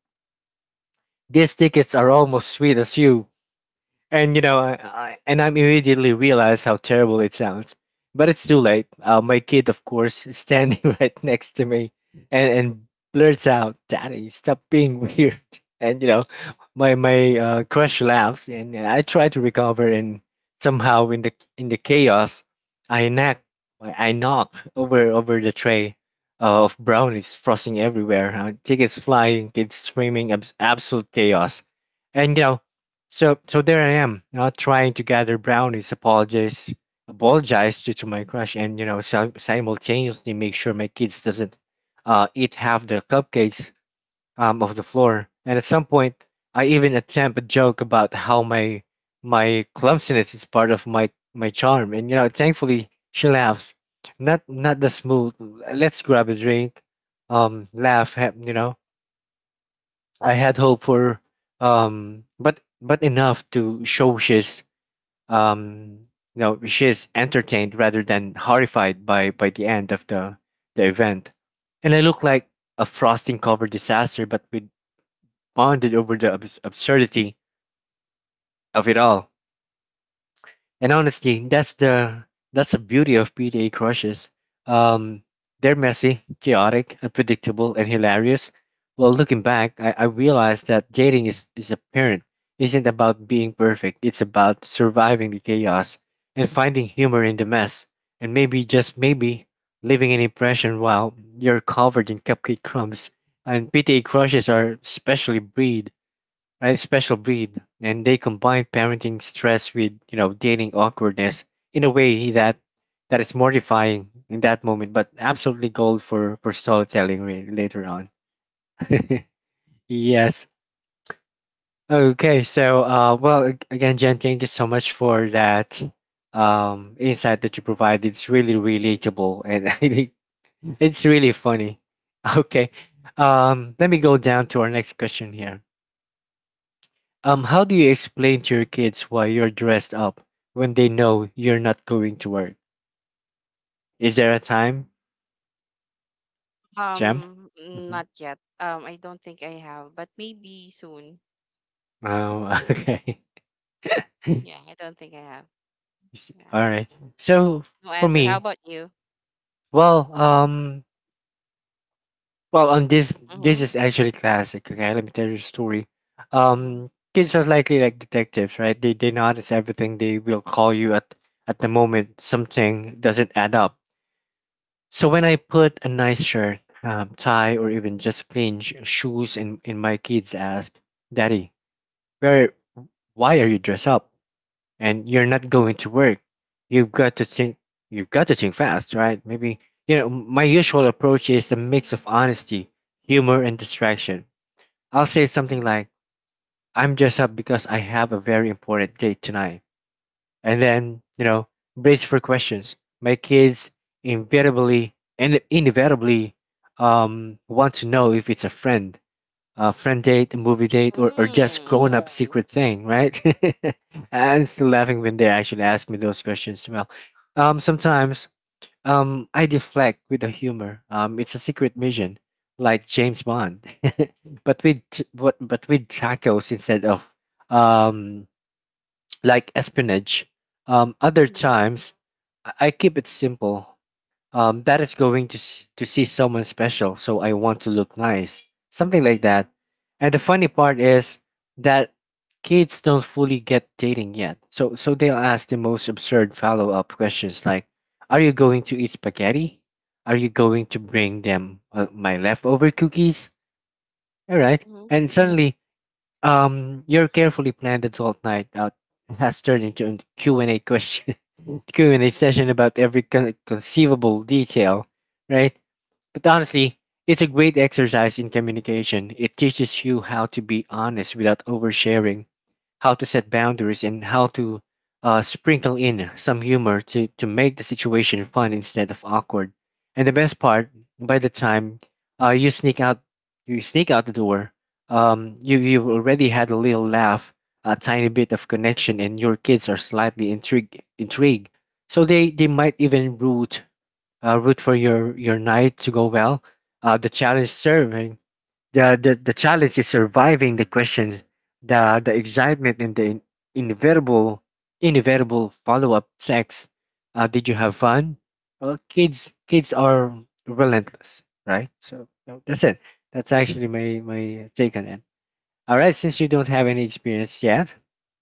"These tickets are almost sweet as you." And you know, I immediately realized how terrible it sounds. But it's too late. My kid, of course, is standing right next to me, and blurts out, "Daddy, stop being weird." And you know, my crush laughs, and I try to recover, and somehow in the chaos, I knock I knock over the tray of brownies, frosting everywhere, tickets flying, kids screaming, absolute chaos. And you know, so there I am, trying to gather brownies, apologize to my crush, and you know simultaneously make sure my kids doesn't eat half the cupcakes of the floor. And at some point, I even attempt a joke about how my clumsiness is part of my charm, and you know thankfully she laughs, not not the smooth. Let's grab a drink, laugh, you know, I had hope for but enough to show she's um you know she's entertained rather than horrified by the end of the event. And I look like a frosting covered disaster, but we bonded over the absurdity of it all. And honestly, that's the beauty of PTA crushes. Um, they're messy, chaotic, unpredictable, and hilarious. Well, looking back, I realized that dating is a parent isn't about being perfect. It's about surviving the chaos and finding humor in the mess, and maybe just maybe leaving an impression while you're covered in cupcake crumbs. And PTA crushes are specially breed a special breed, and they combine parenting stress with you know dating awkwardness in a way that is mortifying in that moment, but absolutely gold for storytelling later on. Yes. Okay. So, well, again, Jen, thank you so much for that insight that you provided. It's really relatable, and I think it's really funny. Okay. Let me go down to our next question here. How do you explain to your kids why you're dressed up when they know you're not going to work? Is there a time, Jem? Hmm.
Not yet. I don't think I have, but maybe soon.
Oh, okay. All
Yeah, I don't think I have. Yeah, I have
right. So
no
for
answer. How
me,
about you?
well, um, well, on this, this
Mm-hmm.
is actually classic. Okay, let me tell you a story.
Mm-hmm.
Kids are likely like detectives, right? They notice everything. They will call you at the moment something doesn't add up. So when I put a nice shirt, tie, or even just plain shoes, and my kids ask, "Daddy, where, why are you dressed up? And you're not going to work." You've got to think, you've got to think fast, right? Maybe, you know, my usual approach is a mix of honesty, humor, and distraction. I'll say something
Mm-hmm.
like, I'm dressed up because I have a very important date tonight, and then brace for questions. My kids inevitably and inevitably want to know if it's a friend, a friend date, a movie date, or just grown up secret thing, right? I'm still laughing when they actually ask me those questions. Well, sometimes I deflect with a humor. It's a secret mission, like James Bond. But with t- but with tacos instead of um like espionage. Other
Mm-hmm.
times, I keep it simple. That is going to to see someone special, so I want to look nice, something like that. And the funny part is that kids don't fully get dating yet, so they'll ask the most absurd follow up questions like, "Are you going to eat spaghetti? Are you going to bring them my leftover cookies?" All right,
Mm-hmm.
and suddenly your carefully planned adult night out has turned into a Q and a question, Q&A session about every conceivable detail, right? But honestly, it's a great exercise in communication. It teaches you how to be honest without oversharing, how to set boundaries, and how to sprinkle in some humor to make the situation fun instead of awkward. And the best part, by the time uh, you sneak out, you sneak out the door. You've already had a little laugh, a tiny bit of connection, and your kids are slightly intrigued. So they might even root root for your night to go well. The challenge serving. The challenge is surviving the question, the excitement, and the in, inevitable inevitable follow up sex. Did you have fun? Well, kids are relentless, right? So no, that's it. That's actually my take on it. All right, since you don't have any experience yet,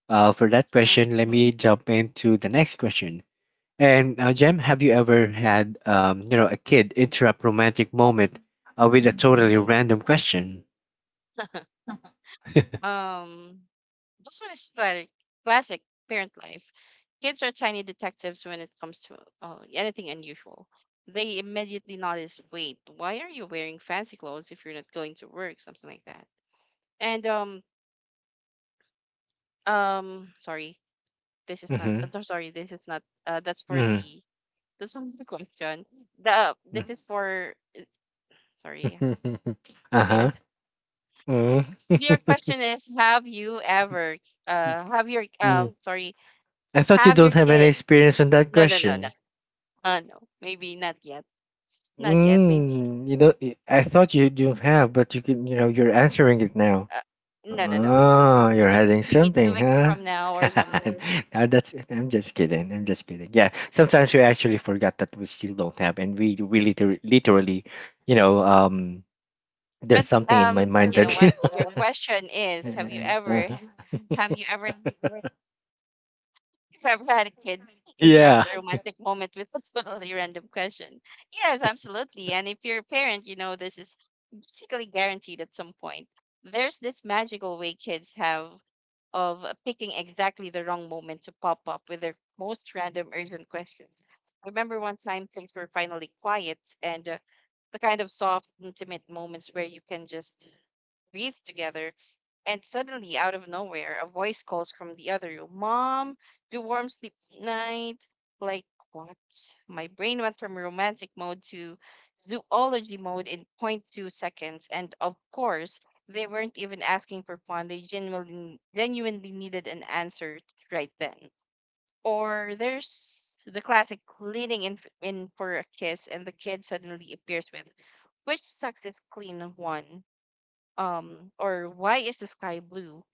for that
Mm-hmm.
question, let me jump into the next question. And Jem, have you ever had a kid interrupt romantic moment with a totally random question?
Um, this one is classic, classic parent life. Kids are tiny detectives when it comes to anything unusual. They immediately notice, wait, why are you wearing fancy clothes if you're not going to work? Something like that. And Sorry, this is not. I'm sorry, this is not. That's for
Mm.
the, that's not the question. The this is for, sorry. Wait. a-
Uh-huh. Mm.
Your question is, have you ever, have your
Mm.
sorry,
I thought you
have your
don't have any
kid?
experience on that
No, no, no, no.
question.
No, maybe not yet. Not yet. Maybe
Mm. You know, I thought you don't have, but you can, you know, you're answering it now.
uh, no, no, no.
Oh, you're hiding
Maybe two
something,
weeks
huh?
from now or something.
No, that's, I'm just kidding. I'm just kidding. Yeah, sometimes we actually forgot that we still don't have, and we literally, you know, there's
But
something in my mind
you know
that
what?
you
Your
know.
question is:
Uh-huh.
have you ever, ever had a kid interrupt
Yeah.
a romantic moment with a totally random question? Yes, absolutely. And if you're a parent, you know this is basically guaranteed at some point. There's this magical way kids have of picking exactly the wrong moment to pop up with their most random urgent questions. I remember one time things were finally quiet and the kind of soft, intimate moments where you can just breathe together, and suddenly, out of nowhere, a voice calls from the other room, "Mom, do warm sleep night." Like, what? My brain went from romantic mode to zoology mode in point 2 seconds. And of course, they weren't even asking for fun. They genuinely, genuinely needed an answer right then. Or there's the classic in for a kiss, and the kid suddenly appears with, "Which sucks is clean one?" Or why is the sky blue?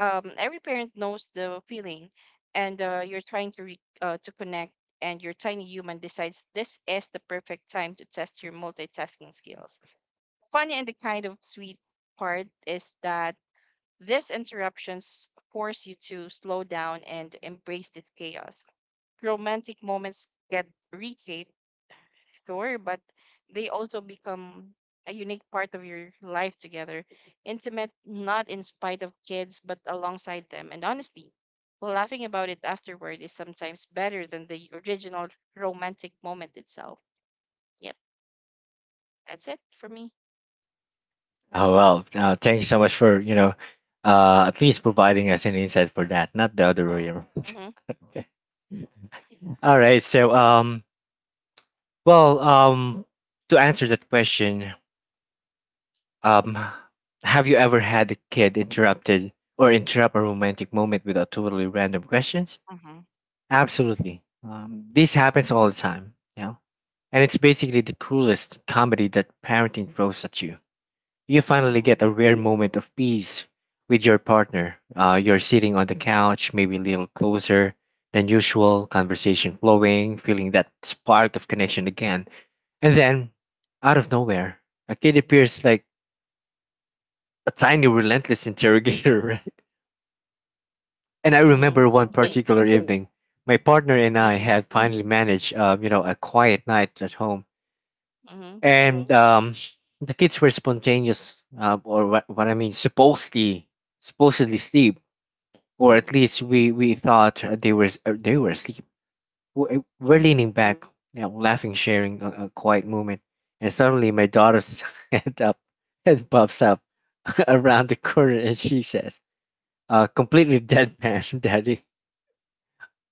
Every parent knows the feeling, and you're trying to to connect, and your tiny human decides this is the perfect time to test your multitasking skills. Funny and the kind of sweet part is that these interruptions force you to slow down and embrace this chaos. Romantic moments get reshaped, sure, but they also become a unique part of your life together. Intimate, not in spite of kids, but alongside them. And honestly, laughing about it afterward is sometimes better than the original romantic moment itself. Yep, that's it for me.
Oh well, thank you so much for at least providing us an insight for that, not the other
Uh-uh.
way around.
Mm-hmm.
Okay. All right. So well, to answer that question, um, have you ever had a kid interrupt a romantic moment with a totally random questions?
Mm-hmm.
Absolutely. This happens all the time. You know, and it's basically the cruelest comedy that parenting throws at you. You finally get a rare moment of peace with your partner. You're sitting on the couch, maybe a little closer than usual, conversation flowing, feeling that spark of connection again. And then, out of nowhere, a kid appears like a tiny, relentless interrogator, right? And I
Mm-hmm.
remember one
Hey.
particular evening, my partner and I
Mm-hmm.
had finally managed, you know, a quiet night at home.
Mm-hmm.
And the kids were spontaneous, or what I mean, supposedly, sleep, or
Mm-hmm.
at least we thought they were they were asleep. We're
Mm-hmm.
leaning back, you know, laughing, sharing a, quiet moment, and suddenly my daughter's head up head pops up around the corner, and she says, completely deadpan, Daddy,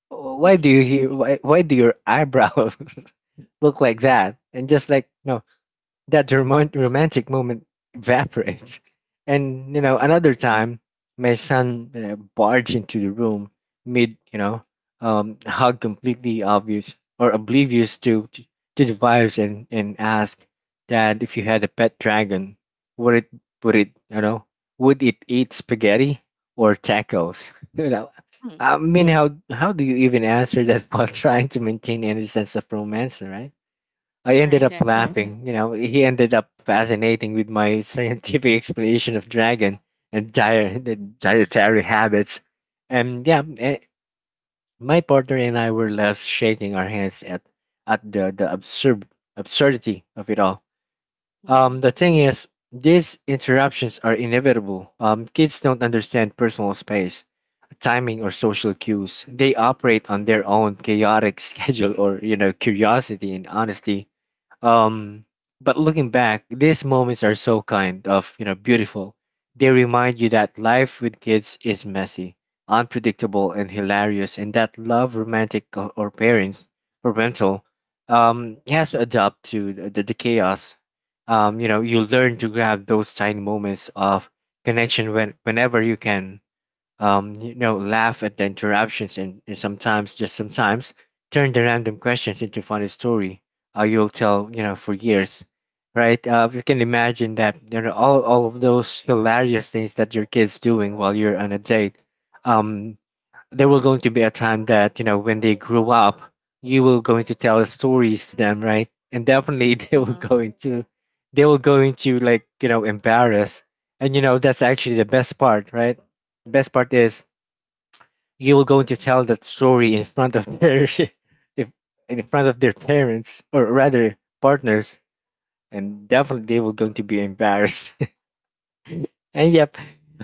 Mm-hmm.
why do your eyebrows look like that? And just like no, that the romantic moment evaporates. And you know, another time, my son, you know, barged into the room mid, you know, hug, completely obvious or oblivious to the vibes, and ask that if you had a pet dragon, would it would it you know eat spaghetti or tacos? You know,
Mhm.
I mean, how do you even answer that while trying to maintain any sense of romance, right? I ended
Right,
up Mm.
right.
laughing. You know, he ended up fascinating with my scientific explanation of dragon and diet, the dietary habits. And yeah, eh, my partner and I were left shaking our hands at, the, absurdity of it all.
Mhm.
The thing is, these interruptions are inevitable. Kids don't understand personal space, timing, or social cues. They operate on their own chaotic schedule, or, you know, curiosity and honesty. um, but looking back, these moments are so kind of, you know, beautiful. They remind you that life with kids is messy, unpredictable, and hilarious, and that love, romantic or parental, has to adapt to the, the chaos. You know, you learn to grab those tiny moments of connection whenever you can. You know, laugh at the interruptions, and, sometimes, just sometimes, turn the random questions into funny story you'll tell, you know, for years, right? You can imagine that, you know, all of those hilarious things that your kid's doing while you're on a date. Um, there will going to be a time that, you know, when they grew up, you will going to tell stories to them, right? And definitely
Mhm.
they will going to, like, you know, embarrass. And you know, that's actually the best part, right? The best part is you will going to tell that story in front of their if in front of their parents, or rather partners. And definitely they will going to be embarrassed. And yep,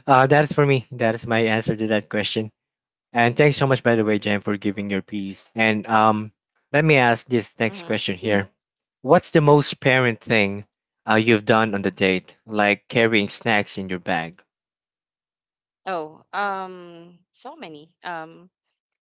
that is for me, that is my answer to that question. And thanks so much, by the way, Jen, for giving your piece. And let me ask this next
Mhm.
question here. What's the
Yeah.
most parent thing you've done on the date, like carrying snacks in your bag?
Oh, so many.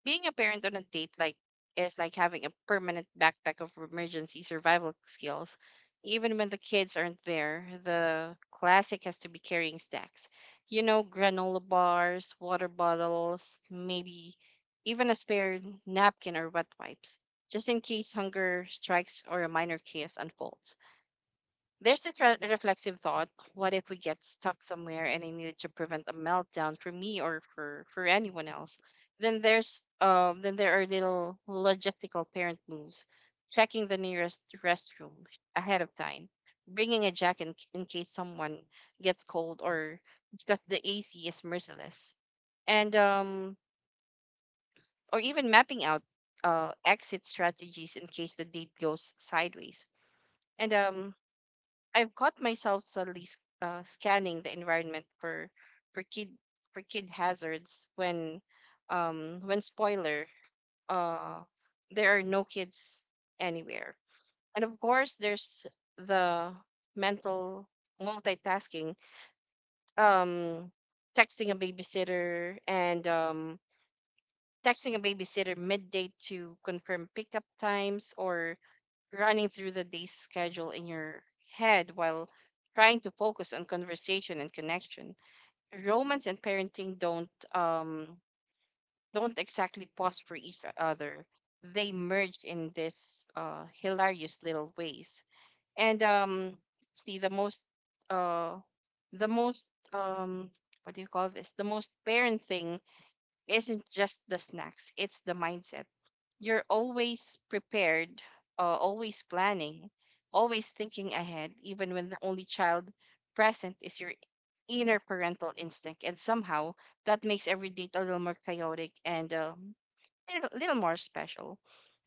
Being a parent on a date like is like having a permanent backpack of emergency survival skills. Even when the kids aren't there, the classic has to be carrying snacks. You know, granola bars, water bottles, maybe even a spare napkin or wet wipes, just in case hunger strikes or a minor chaos unfolds. There's a reflexive thought. What if we get stuck somewhere and I needed to prevent a meltdown for me or for anyone else? Then there are little logistical parent moves, checking the nearest restroom ahead of time, bringing a jacket in case someone gets cold or because the AC is merciless, and or even mapping out exit strategies in case the date goes sideways. And I've caught myself suddenly scanning the environment for kid for kid hazards when, spoiler, uh there are no kids anywhere. And of course there's the mental multitasking, um texting a babysitter and um texting a babysitter midday to confirm pickup times or running through the day's schedule in your head while trying to focus on conversation and connection. Romance and parenting don't exactly pause for each other. They merge in this hilarious little ways. And see uh the most um what do you call this? The most parent thing isn't just the snacks, it's the mindset. You're always prepared, always planning, always thinking ahead, even when the only child present is your inner parental instinct. And somehow that makes every date a little more chaotic and a little more special.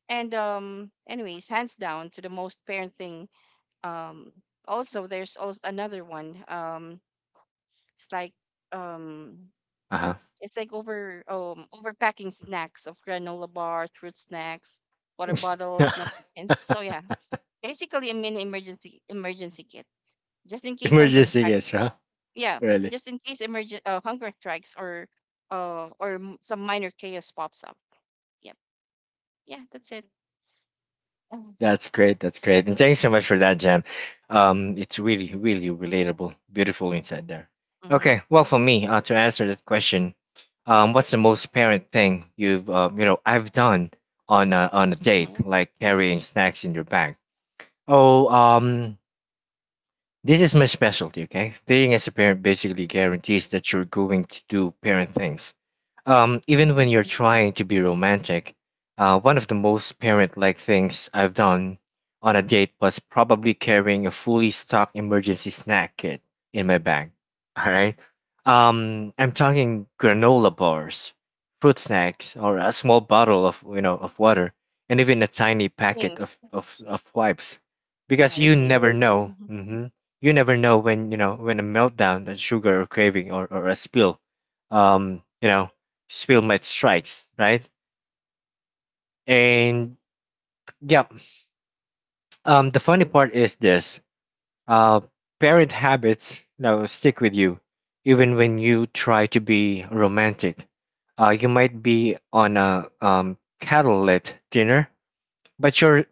And, anyways, hands down to the most parenting. Um, Also, there's also another one. It's like, um,
Uh
it's like overpacking snacks of granola bars, fruit snacks, water bottles, napkins.
huh.
So yeah, basically a mini emergency kit just in case hunger
Emergency,
strikes.
yes, huh?
Yeah,
Really?
just in case emergent hunger strikes or some minor chaos pops up. Yep. Yeah, that's it. Mhm,
That's great. That's great. And thanks so
mhm,
much for that, Jam. It's really, really relatable. Beautiful insight there.
mhm,
Okay. Well, for me, to answer that question, what's the most parent thing you've, you know, I've done on a
mhm,
date, like carrying snacks in your bag? Oh, this is my specialty. Okay, being as a parent basically guarantees that you're going to do parent things. Even
mhm.
when you're trying to be romantic, one of the most parent like things I've done on a date was probably carrying a fully stocked emergency snack kit in my bag. All right. I'm talking granola bars, fruit snacks, or a small bottle of, you know, of water, and even a tiny
Same.
packet of wipes,
Yeah,
because
the
you
same.
never know.
Mhm.
Hmm. You never know when, you know, when a meltdown, a sugar or craving, or a spill, you know, stalemate strikes, right? And yeah, the funny part is this: uh, parent habits, you know, stick with you, even when you try to be romantic. You might be on a candlelit dinner, but you're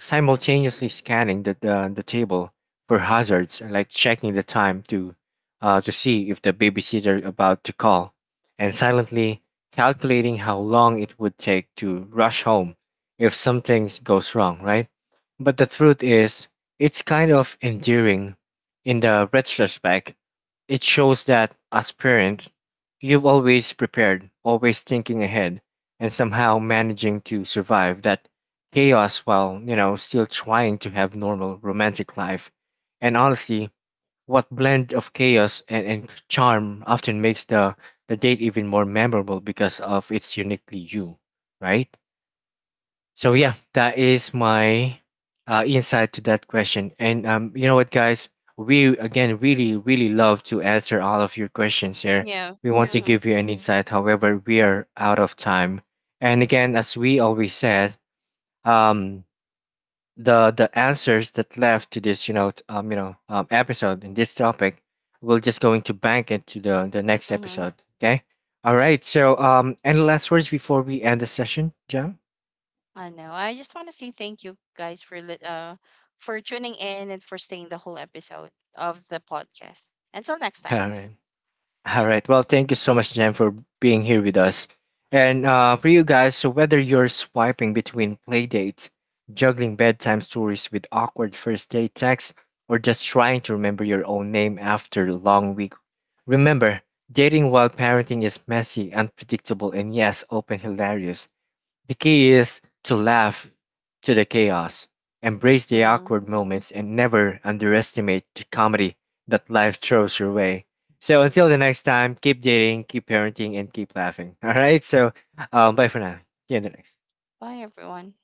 simultaneously scanning the, the table for hazards, like checking the time to see if the babysitter about to call, and silently calculating how long it would take to rush home if something goes wrong, right? But the truth is, it's kind of endearing. In the retrospect, it shows that as parent, you've always prepared, always thinking ahead, and somehow managing to survive that chaos while, you know, still trying to have normal romantic life. And honestly, what blend of chaos and, charm often makes the date even more memorable because of its uniquely you, right? So yeah, that is my insight to that question. And you know what, guys? We again really, really love to answer all of your questions here.
Yeah.
We want to
Mm-hmm.
give you an insight. However, we are out of time. And again, as we always said, um, the answers that left to this, you know, you know, episode in this topic, we're just going to bank it to the next
Mm-hmm.
episode. Okay. All right. So any last words before we end the session, John?
I know. I just want to say thank you guys for for tuning in and for staying the whole episode of the podcast. Until next
All
time.
right. All right. Well, thank you so much, Jen, for being here with us. And for you guys, so whether you're swiping between playdates, juggling bedtime stories with awkward first date texts, or just trying to remember your own name after a long week, remember, dating while parenting is messy, unpredictable, and yes, open hilarious. The key is to laugh to the chaos, embrace the
Hmm.
awkward moments, and never underestimate the comedy that life throws your way. So until the next time, keep dating, keep parenting, and keep laughing. All right. So bye for now. See you in the next.
Bye everyone.